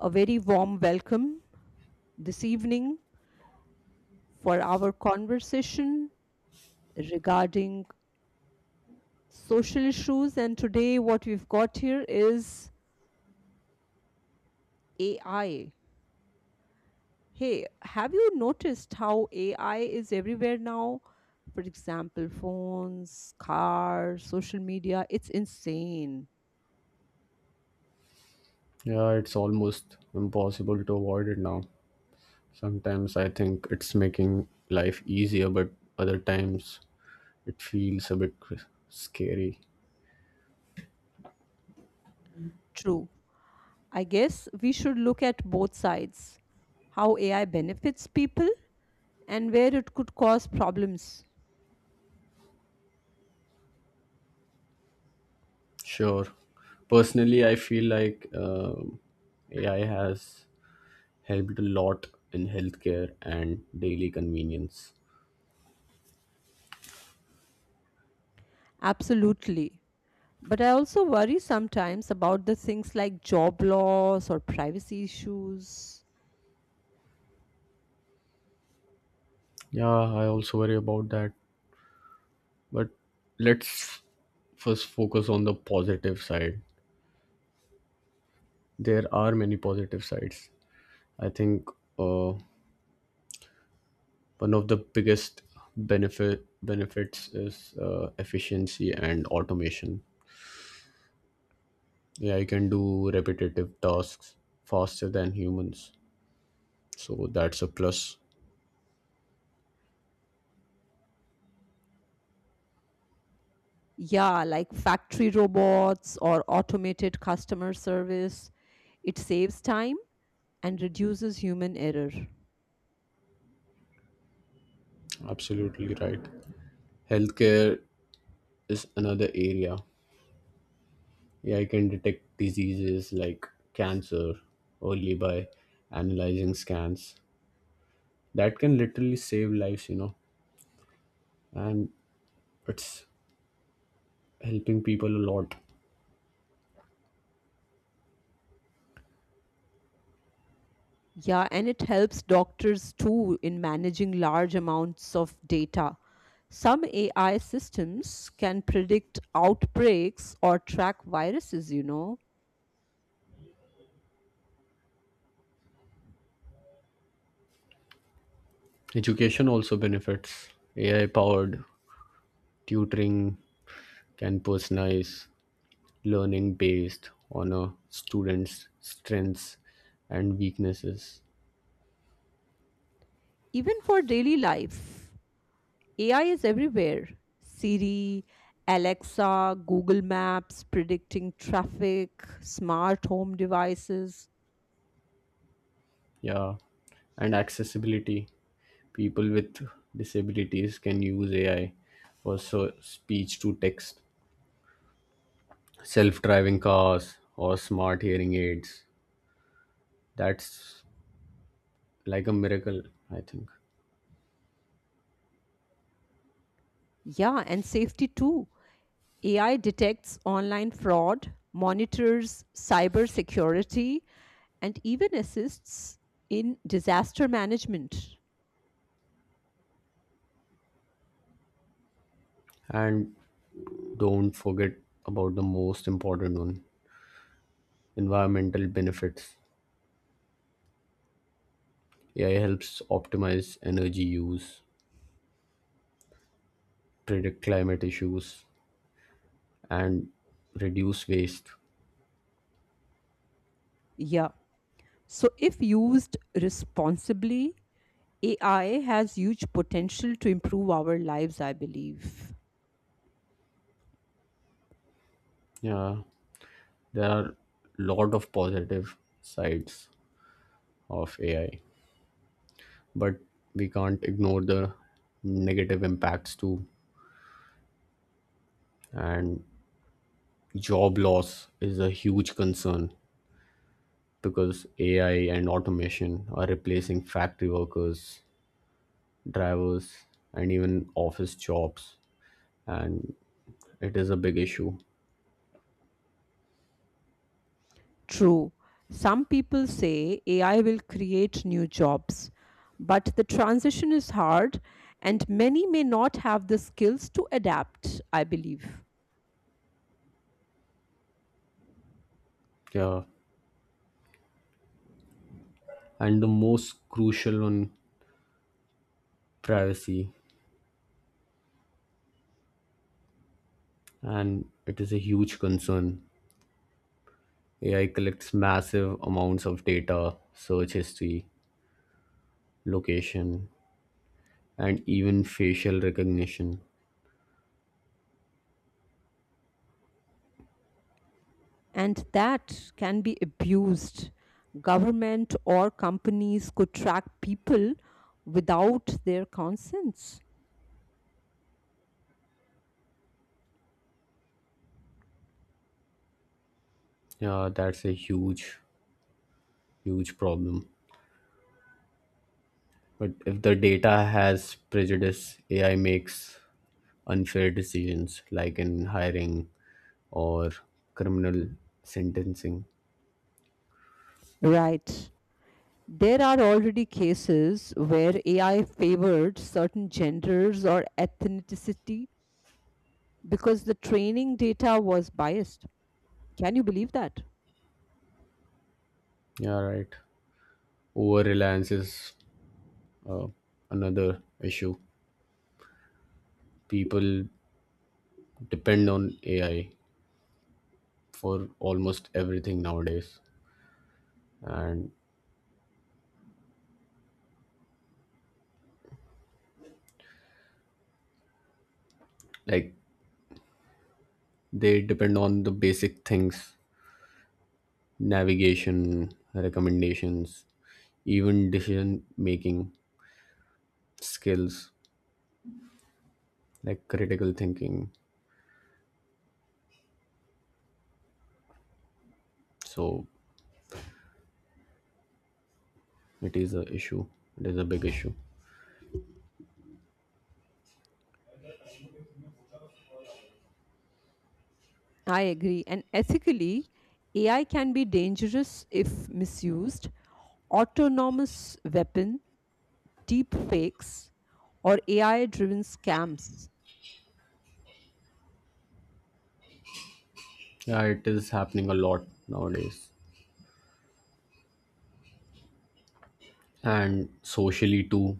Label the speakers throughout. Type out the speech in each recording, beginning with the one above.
Speaker 1: A very warm welcome this evening for our conversation regarding social issues. And today, what we've got here is AI. Hey, have you noticed how AI is everywhere now? For example, phones, cars, social media. It's insane.
Speaker 2: Yeah, it's almost impossible to avoid it now. Sometimes I think it's making life easier, but other times it feels a bit scary.
Speaker 1: True. I guess we should look at both sides, how AI benefits people and where it could cause problems.
Speaker 2: Sure. Personally, I feel like AI has helped a lot in healthcare and daily convenience.
Speaker 1: Absolutely. But I also worry sometimes about the things like job loss or privacy issues.
Speaker 2: Yeah, I also worry about that. But let's first focus on the positive side. There are many positive sides. I think uh, one of the biggest benefits is efficiency and automation. AI can do repetitive tasks faster than humans, so that's a plus.
Speaker 1: Yeah, like factory robots or automated customer service. It saves time and reduces human error.
Speaker 2: Absolutely right. Healthcare is another area. AI can detect diseases like cancer early by analyzing scans. That can literally save lives, and it's helping people a lot.
Speaker 1: Yeah, and it helps doctors too in managing large amounts of data. Some AI systems can predict outbreaks or track viruses,
Speaker 2: Education also benefits AI powered tutoring can personalize learning based on a student's strengths and weaknesses.
Speaker 1: even for daily life. AI is everywhere: Siri, Alexa, Google Maps, predicting traffic, smart home devices.
Speaker 2: Yeah, and accessibility. People with disabilities can use AI for speech to text, self driving cars, or smart hearing aids. That's like a miracle, I think.
Speaker 1: Yeah, and safety too. AI detects online fraud, monitors cyber security, and even assists in disaster management.
Speaker 2: And don't forget about the most important one, environmental benefits. AI helps optimize energy use, predict climate issues, and reduce waste.
Speaker 1: Yeah. So, if used responsibly, AI has huge potential to improve our lives, I believe.
Speaker 2: Yeah, there are lot of positive sides of AI, but we can't ignore the negative impacts too. And job loss is a huge concern because AI and automation are replacing factory workers, drivers, and even office jobs, and it is a big issue.
Speaker 1: True. Some people say AI will create new jobs, but the transition is hard and many may not have the skills to adapt, I believe.
Speaker 2: Yeah, and the most crucial on privacy, and it is a huge concern. AI collects massive amounts of data, search history, location, and even facial recognition.
Speaker 1: And that can be abused. Government or companies could track people without their consents.
Speaker 2: Yeah, that's a huge problem. But if the data has prejudice, AI makes unfair decisions like in hiring or criminal sentencing.
Speaker 1: Right. There are already cases where AI favored certain genders or ethnicity because the training data was biased. Can you believe that?
Speaker 2: Yeah, right. Over reliance is uh, another issue. People depend on AI for almost everything nowadays. And like, they depend on the basic things, navigation, recommendations, even decision making skills, like critical thinking. So it is a issue. It is a big issue.
Speaker 1: I agree. And ethically, AI can be dangerous if misused. Autonomous weapon, deep fakes, or AI driven scams.
Speaker 2: Yeah, it is happening a lot nowadays. And socially too,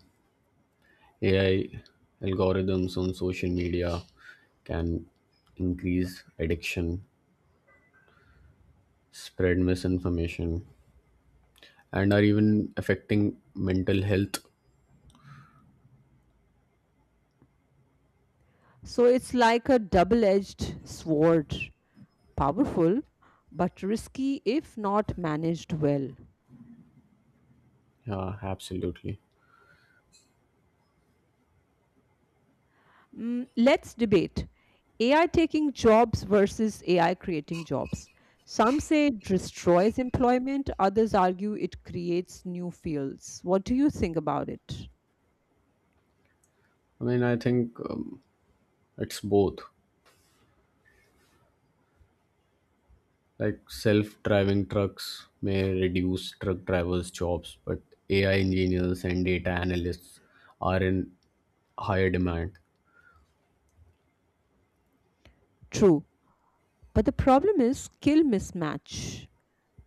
Speaker 2: AI algorithms on social media can increase addiction, spread misinformation, and are even affecting mental health.
Speaker 1: So it's like a double edged sword. Powerful, but risky if not managed well.
Speaker 2: Yeah, absolutely.
Speaker 1: Mm, let's debate AI taking jobs versus AI creating jobs. Some say it destroys employment, others argue it creates new fields. What do you think about it?
Speaker 2: I think it's both. Like self-driving trucks may reduce truck drivers jobs, but AI engineers and data analysts are in higher demand.
Speaker 1: True, but the problem is skill mismatch.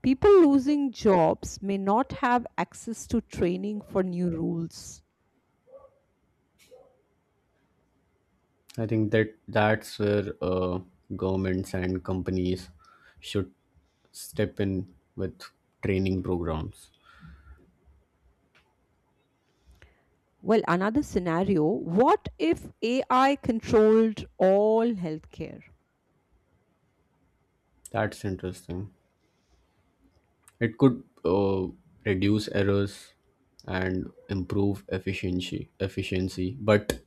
Speaker 1: People losing jobs may not have access to training for new rules.
Speaker 2: I think that's where governments and companies should step in with training programs.
Speaker 1: Well, another scenario: what if AI controlled all healthcare?
Speaker 2: That's interesting. It could reduce errors and improve efficiency, but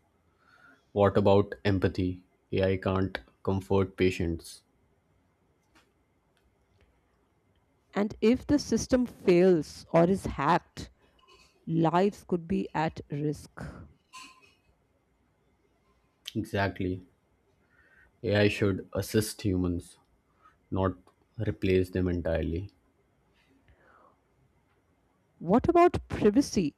Speaker 2: what about empathy? AI can't comfort patients.
Speaker 1: And if the system fails or is hacked, lives could be at risk.
Speaker 2: Exactly. AI should assist humans, not replace them entirely.
Speaker 1: What about privacy?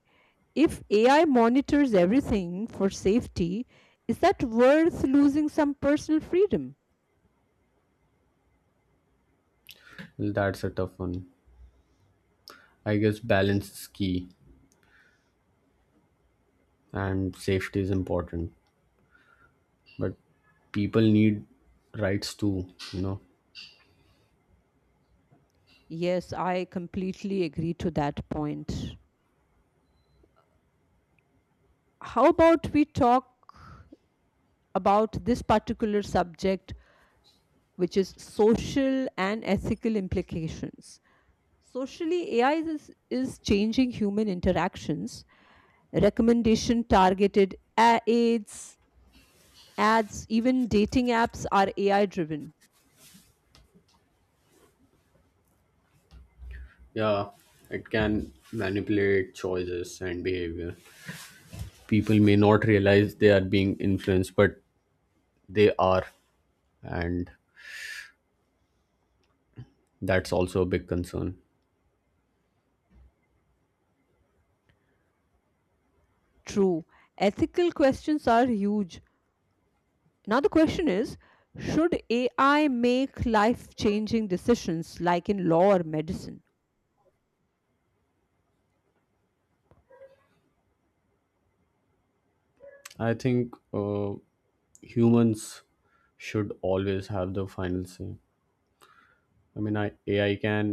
Speaker 1: If AI monitors everything for safety, is that worth losing some personal freedom?
Speaker 2: Well, that's a tough one. I guess balance is key, and safety is important. But people need rights too, you know?
Speaker 1: Yes, I completely agree to that point. How about we talk about this particular subject, which is social and ethical implications? Socially, AI is changing human interactions, recommendation targeted aids, Ads, even dating apps are AI driven.
Speaker 2: Yeah, it can manipulate choices and behavior. People may not realize they are being influenced, but they are, and that's also a big concern.
Speaker 1: True. Ethical questions are huge. Now, the question is, should AI make life changing decisions like in law or medicine?
Speaker 2: I think humans should always have the final say. I mean, AI can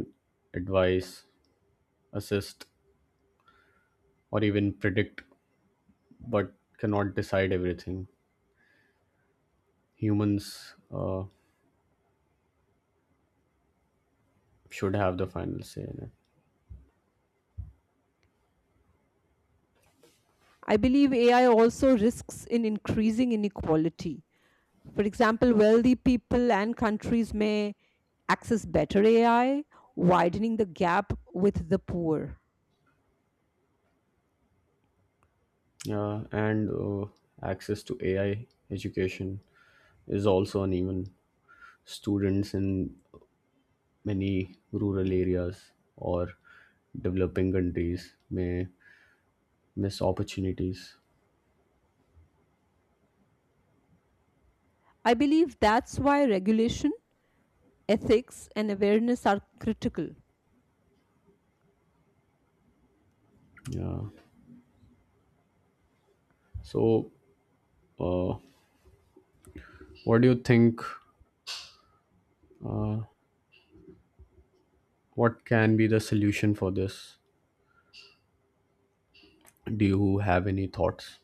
Speaker 2: advise, assist, or even predict, but cannot decide everything. Humans should have the final say in it.
Speaker 1: I believe AI also risks in increasing inequality. For example, wealthy people and countries may access better AI, widening the gap with the poor.
Speaker 2: Yeah, and access to AI education is also uneven. Students in many rural areas or developing countries may miss opportunities.
Speaker 1: I believe that's why regulation, ethics, and awareness are critical.
Speaker 2: Yeah. So, uh, what do you think? What can be the solution for this? Do you have any thoughts?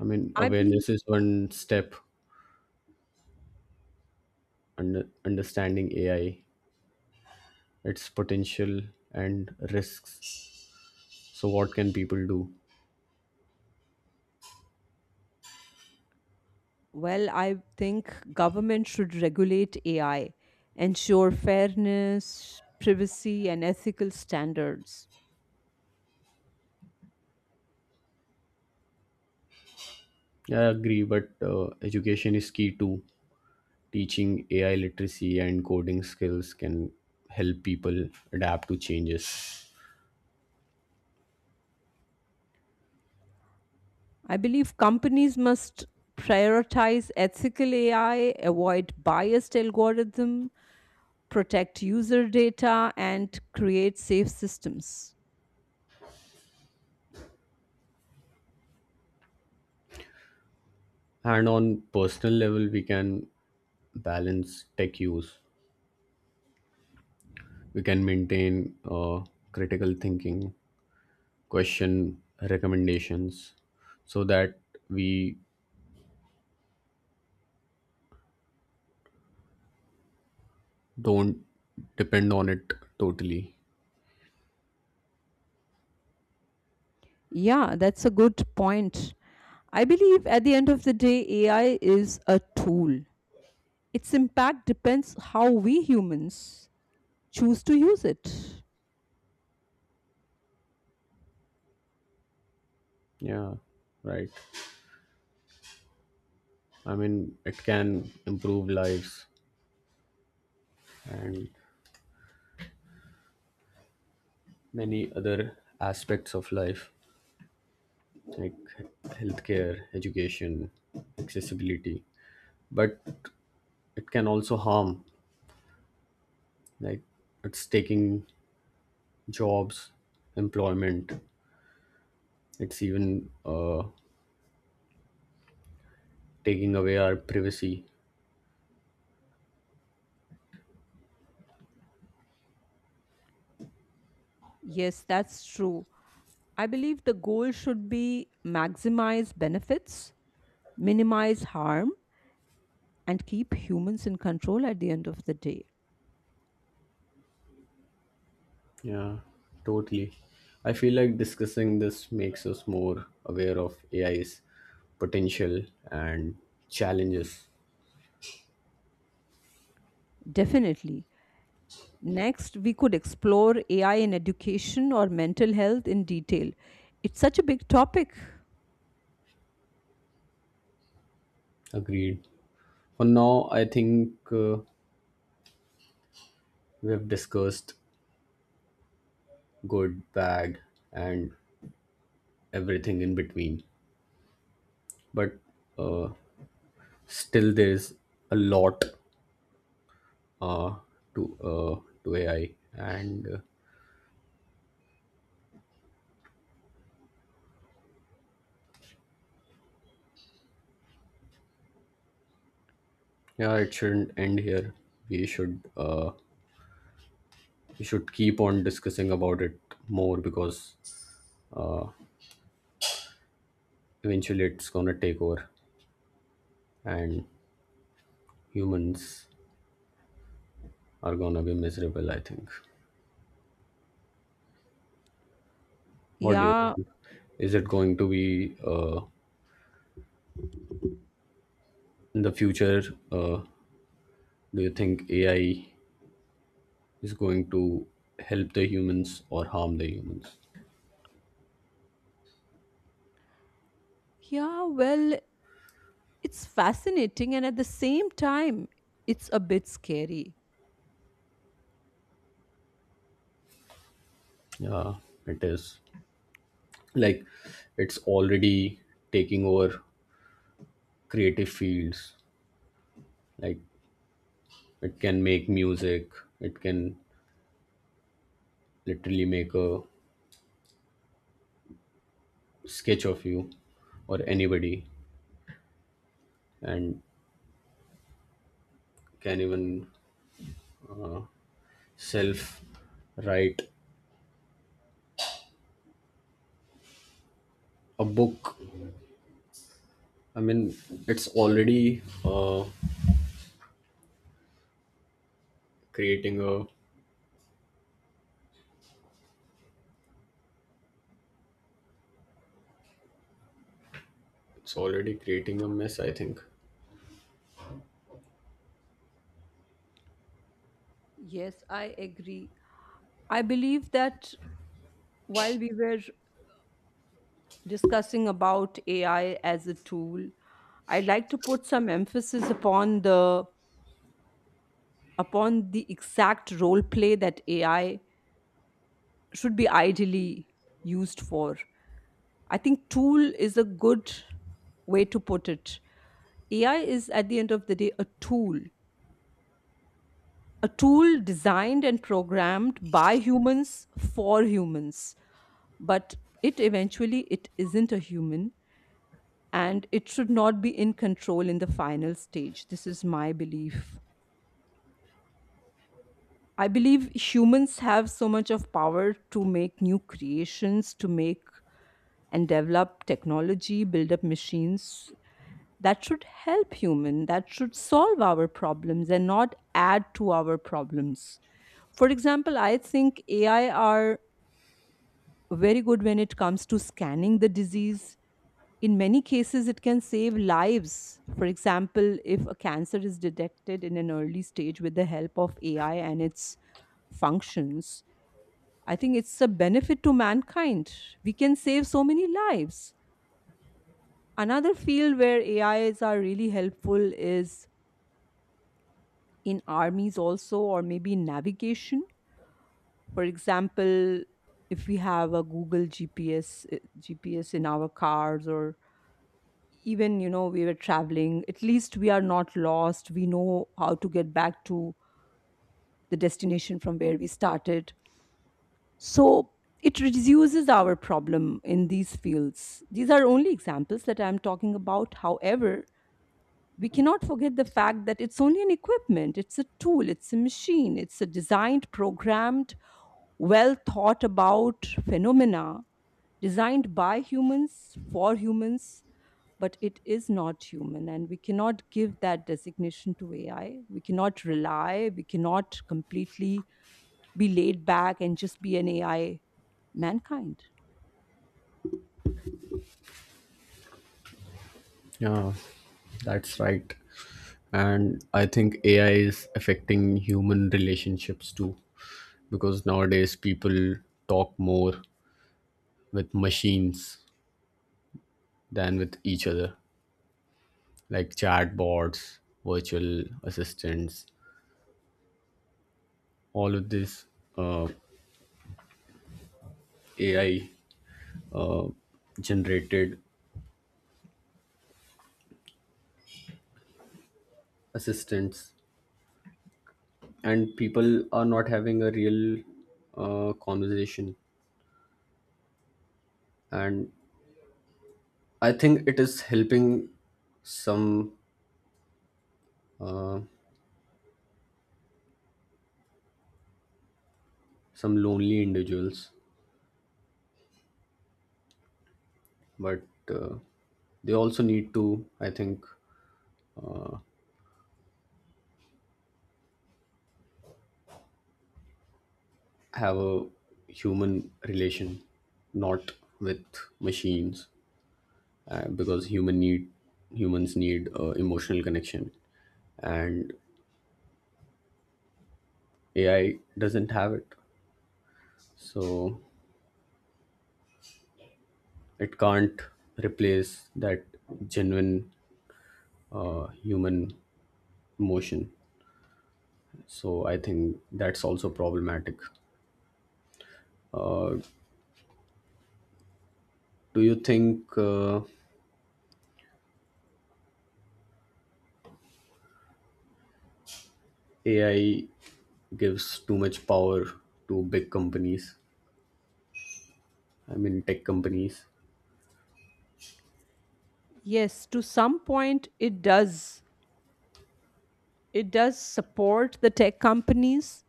Speaker 2: I mean,
Speaker 1: I believe.
Speaker 2: awareness is one step, and understanding AI, its potential and risks. So, what can people do?
Speaker 1: Well, I think government should regulate AI, ensure fairness, privacy, and ethical standards.
Speaker 2: Yeah, I agree, but education is key too. Teaching AI literacy and coding skills can help people adapt to changes.
Speaker 1: I believe companies must prioritize ethical AI, avoid biased algorithm, protect user data, and create safe systems.
Speaker 2: And on personal level, we can balance tech use. We can maintain critical thinking, question recommendations, so that we don't depend on it totally.
Speaker 1: Yeah, that's a good point. I believe at the end of the day, AI is a tool. Its impact depends how we humans choose to use it.
Speaker 2: Yeah, right. I mean, it can improve lives and many other aspects of life, like healthcare, education, accessibility, but it can also harm. Like, it's taking jobs, employment. It's even taking away our privacy.
Speaker 1: Yes, that's true. I believe the goal should be maximize benefits, minimize harm, and keep humans in control at the end of the day.
Speaker 2: Yeah, totally. I feel like discussing this makes us more aware of AI's potential and challenges.
Speaker 1: Definitely. Next, we could explore AI in education or mental health in detail. It's such a big topic.
Speaker 2: Agreed. For now, I think we have discussed good, bad, and everything in between, but uh, still there's a lot uh, to ai and yeah, it shouldn't end here. We should we should keep on discussing about it more, because eventually it's gonna take over, and humans are gonna be miserable, I think. What do you
Speaker 1: Yeah.
Speaker 2: think? Is it going to be in the future, uh, do you think ai is going to help the humans or harm the humans?
Speaker 1: Yeah, yeah, well, it's fascinating and, at the same time, it's a bit scary.
Speaker 2: Yeah, it is, like, it's already taking over creative fields. Like, it can make music, it can literally make a sketch of you or anybody, and can even uh, self write a book. I mean, it's already creating a it's already creating a mess, I think.
Speaker 1: Yes, I agree. I believe that while we were discussing about AI as a tool, I'd like to put some emphasis upon the exact role play that AI should be ideally used for. I think tool is a good way to put it. AI is, at the end of the day, a tool designed and programmed by humans for humans, but it eventually it isn't a human and it should not be in control in the final stage. This is my belief. I believe humans have so much of power to make new creations, to make and develop technology, build up machines that should help human, that should solve our problems and not add to our problems. For example, I think AI are very good when it comes to scanning the disease. In many cases, it can save lives. For example, if a cancer is detected in an early stage with the help of AI and its functions, I think it's a benefit to mankind. We can save so many lives. Another field where AIs are really helpful is in armies, also, or maybe in navigation. For example, if we have a Google GPS, GPS in our cars, or even, we were traveling, at least we are not lost. We know how to get back to the destination from where we started. So it reduces our problem in these fields. These are only examples that I'm talking about. However, we cannot forget the fact that it's only an equipment, it's a tool, it's a machine, it's a designed, programmed, well thought about phenomena designed by humans for humans, but it is not human, and we cannot give that designation to AI. We cannot completely be laid back and just be an AI mankind.
Speaker 2: Yeah, that's right. And I think AI is affecting human relationships too, because nowadays people talk more with machines than with each other, like chatbots, virtual assistants, all of these uh, AI uh, generated assistants. And people are not having a real conversation. And I think it is helping some some lonely individuals, but uh, they also need to, I think, have a human relation, not with machines, because humans need emotional connection, and AI doesn't have it, so it can't replace that genuine human emotion. So I think that's also problematic. Uh, do you think AI gives too much power to big companies? I mean, tech companies.
Speaker 1: Yes, to some point it does support the tech companies.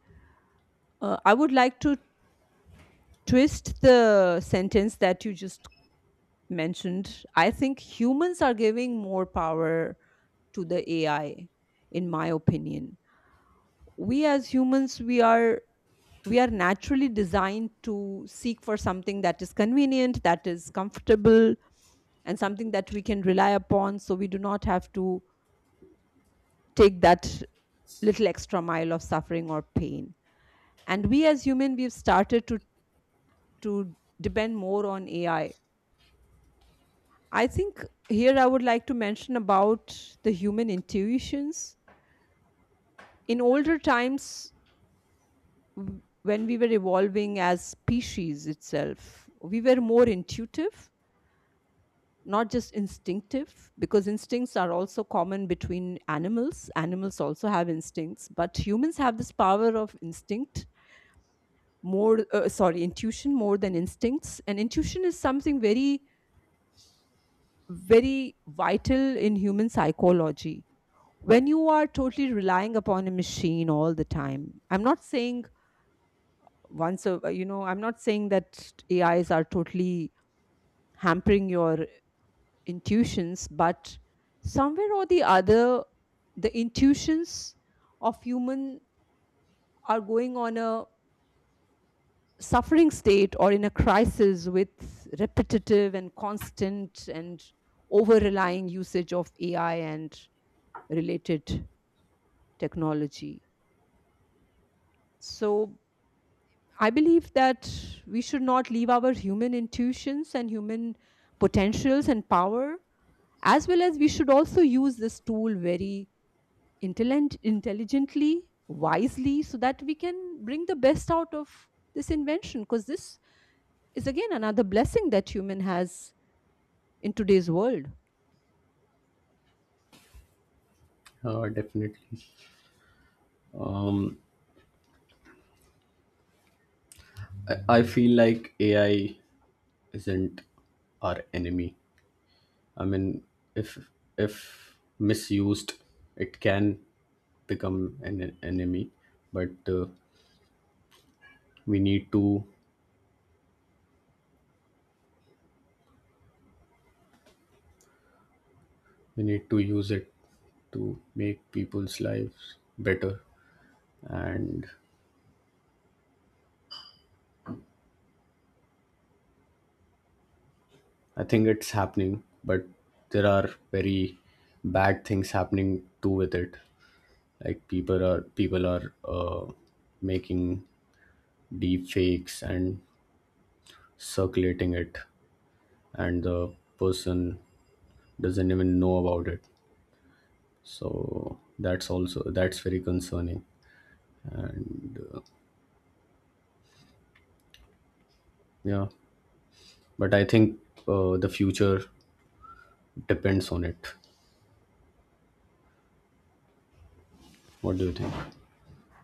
Speaker 1: I would like to twist the sentence that you just mentioned. I think humans are giving more power to the AI, in my opinion. We as humans, we are naturally designed to seek for something that is convenient, that is comfortable, and something that we can rely upon, so we do not have to take that little extra mile of suffering or pain. And we as human, we've started to depend more on AI. I think here I would like to mention about the human intuitions. In older times, when we were evolving as species itself, we were more intuitive, not just instinctive, because instincts are also common between animals. Animals also have instincts, but humans have this power of instinct, more sorry, intuition, more than instincts. And intuition is something very, very vital in human psychology. When you are totally relying upon a machine all the time, I'm not saying, once a you know I'm not saying that AIs are totally hampering your intuitions, but somewhere or the other, the intuitions of human are going on a suffering state or in a crisis with repetitive and constant and over relying usage of AI and related technology. So I believe that we should not leave our human intuitions and human potentials and power, as well as we should also use this tool very intelligently, wisely, so that we can bring the best out of this invention. Because this is, again, another blessing that human has in today's world.
Speaker 2: Definitely. Um, I feel like AI isn't our enemy. I mean, if misused, it can become an enemy. But we need to we need to use it to make people's lives better, and I think it's happening, but there are very bad things happening too with it. Like people are making deep fakes and circulating it, and the person doesn't even know about it. So that's also, that's very concerning. And yeah, but I think the future depends on it. What do you think?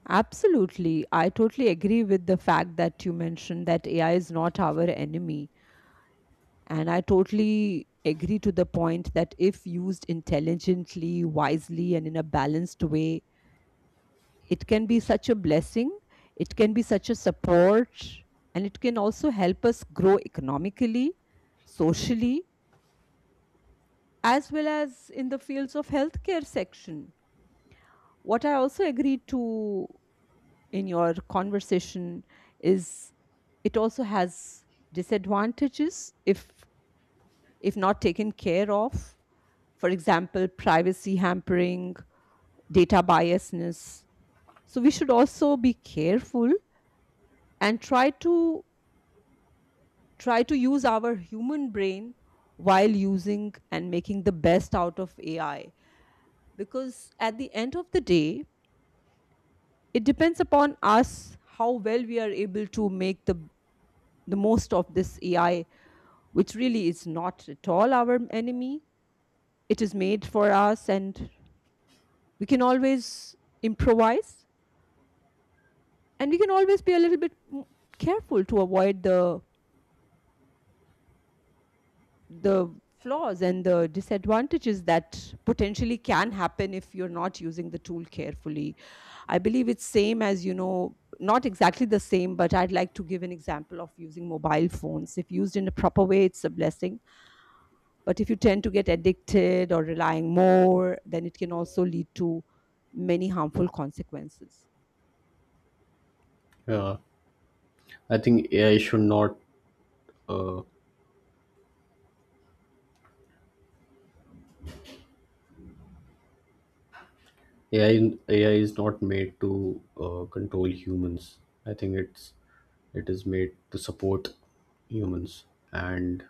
Speaker 1: Absolutely. I totally agree with the fact that you mentioned that AI is not our enemy. And I totally agree to the point that if used intelligently, wisely, and in a balanced way, it can be such a blessing, it can be such a support, and it can also help us grow economically, socially, as well as in the fields of healthcare section. What I also agreed to in your conversation is, it also has disadvantages if not taken care of. For example, privacy hampering, data biasness. So we should also be careful and try to use our human brain while using and making the best out of AI. Because at the end of the day, it depends upon us how well we are able to make the most of this AI, which really is not at all our enemy. It is made for us, and we can always improvise, and we can always be a little bit careful to avoid the flaws and the disadvantages that potentially can happen if you're not using the tool carefully. I believe it's same as, you know, not exactly the same, but I'd like to give an example of using mobile phones. If used in a proper way, it's a blessing, but if you tend to get addicted or relying more, then it can also lead to many harmful consequences.
Speaker 2: Yeah, I think AI should not uh, AI, in- AI is not made to control humans. I think it's it is made to support humans, and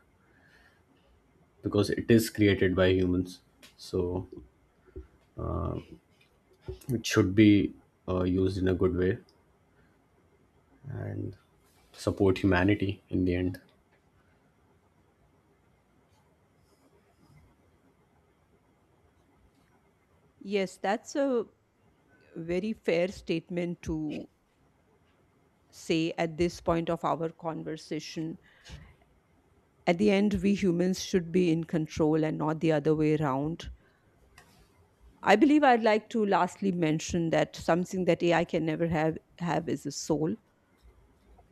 Speaker 2: because it is created by humans, so it should be used in a good way and support humanity in the end.
Speaker 1: Yes, that's a very fair statement to say at this point of our conversation. At the end, we humans should be in control and not the other way around. I believe I'd like to lastly mention that something that AI can never have is a soul.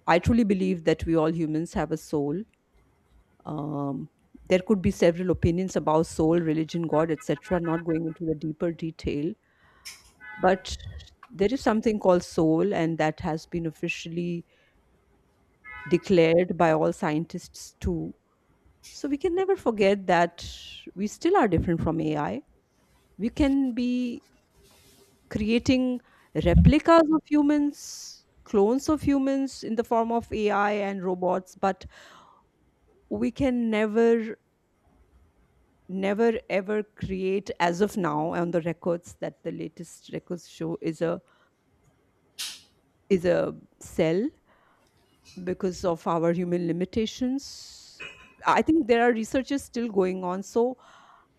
Speaker 1: I truly believe that we all humans have a soul. Um, there could be several opinions about soul, religion, God, etc., not going into the deeper detail. But there is something called soul, and that has been officially declared by all scientists too. So we can never forget that we still are different from AI. We can be creating replicas of humans, clones of humans in the form of AI and robots, but we can never, never ever create, as of now on the records that the latest records show, is a cell, because of our human limitations. I think there are researches still going on. So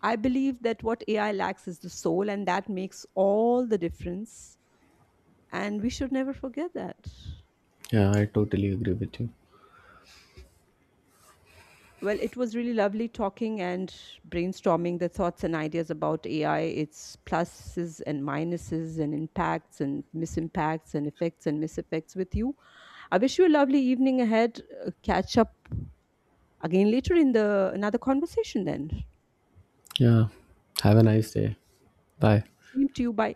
Speaker 1: I believe that what AI lacks is the soul, and that makes all the difference, and we should never forget that.
Speaker 2: Yeah, I totally agree with you.
Speaker 1: Well, it was really lovely talking and brainstorming the thoughts and ideas about AI, its pluses and minuses, and impacts and misimpacts, and effects and miseffects with you. I wish you a lovely evening ahead. Catch up again later in the another conversation. Then,
Speaker 2: Yeah, have a nice day. Bye.
Speaker 1: same to you. Bye.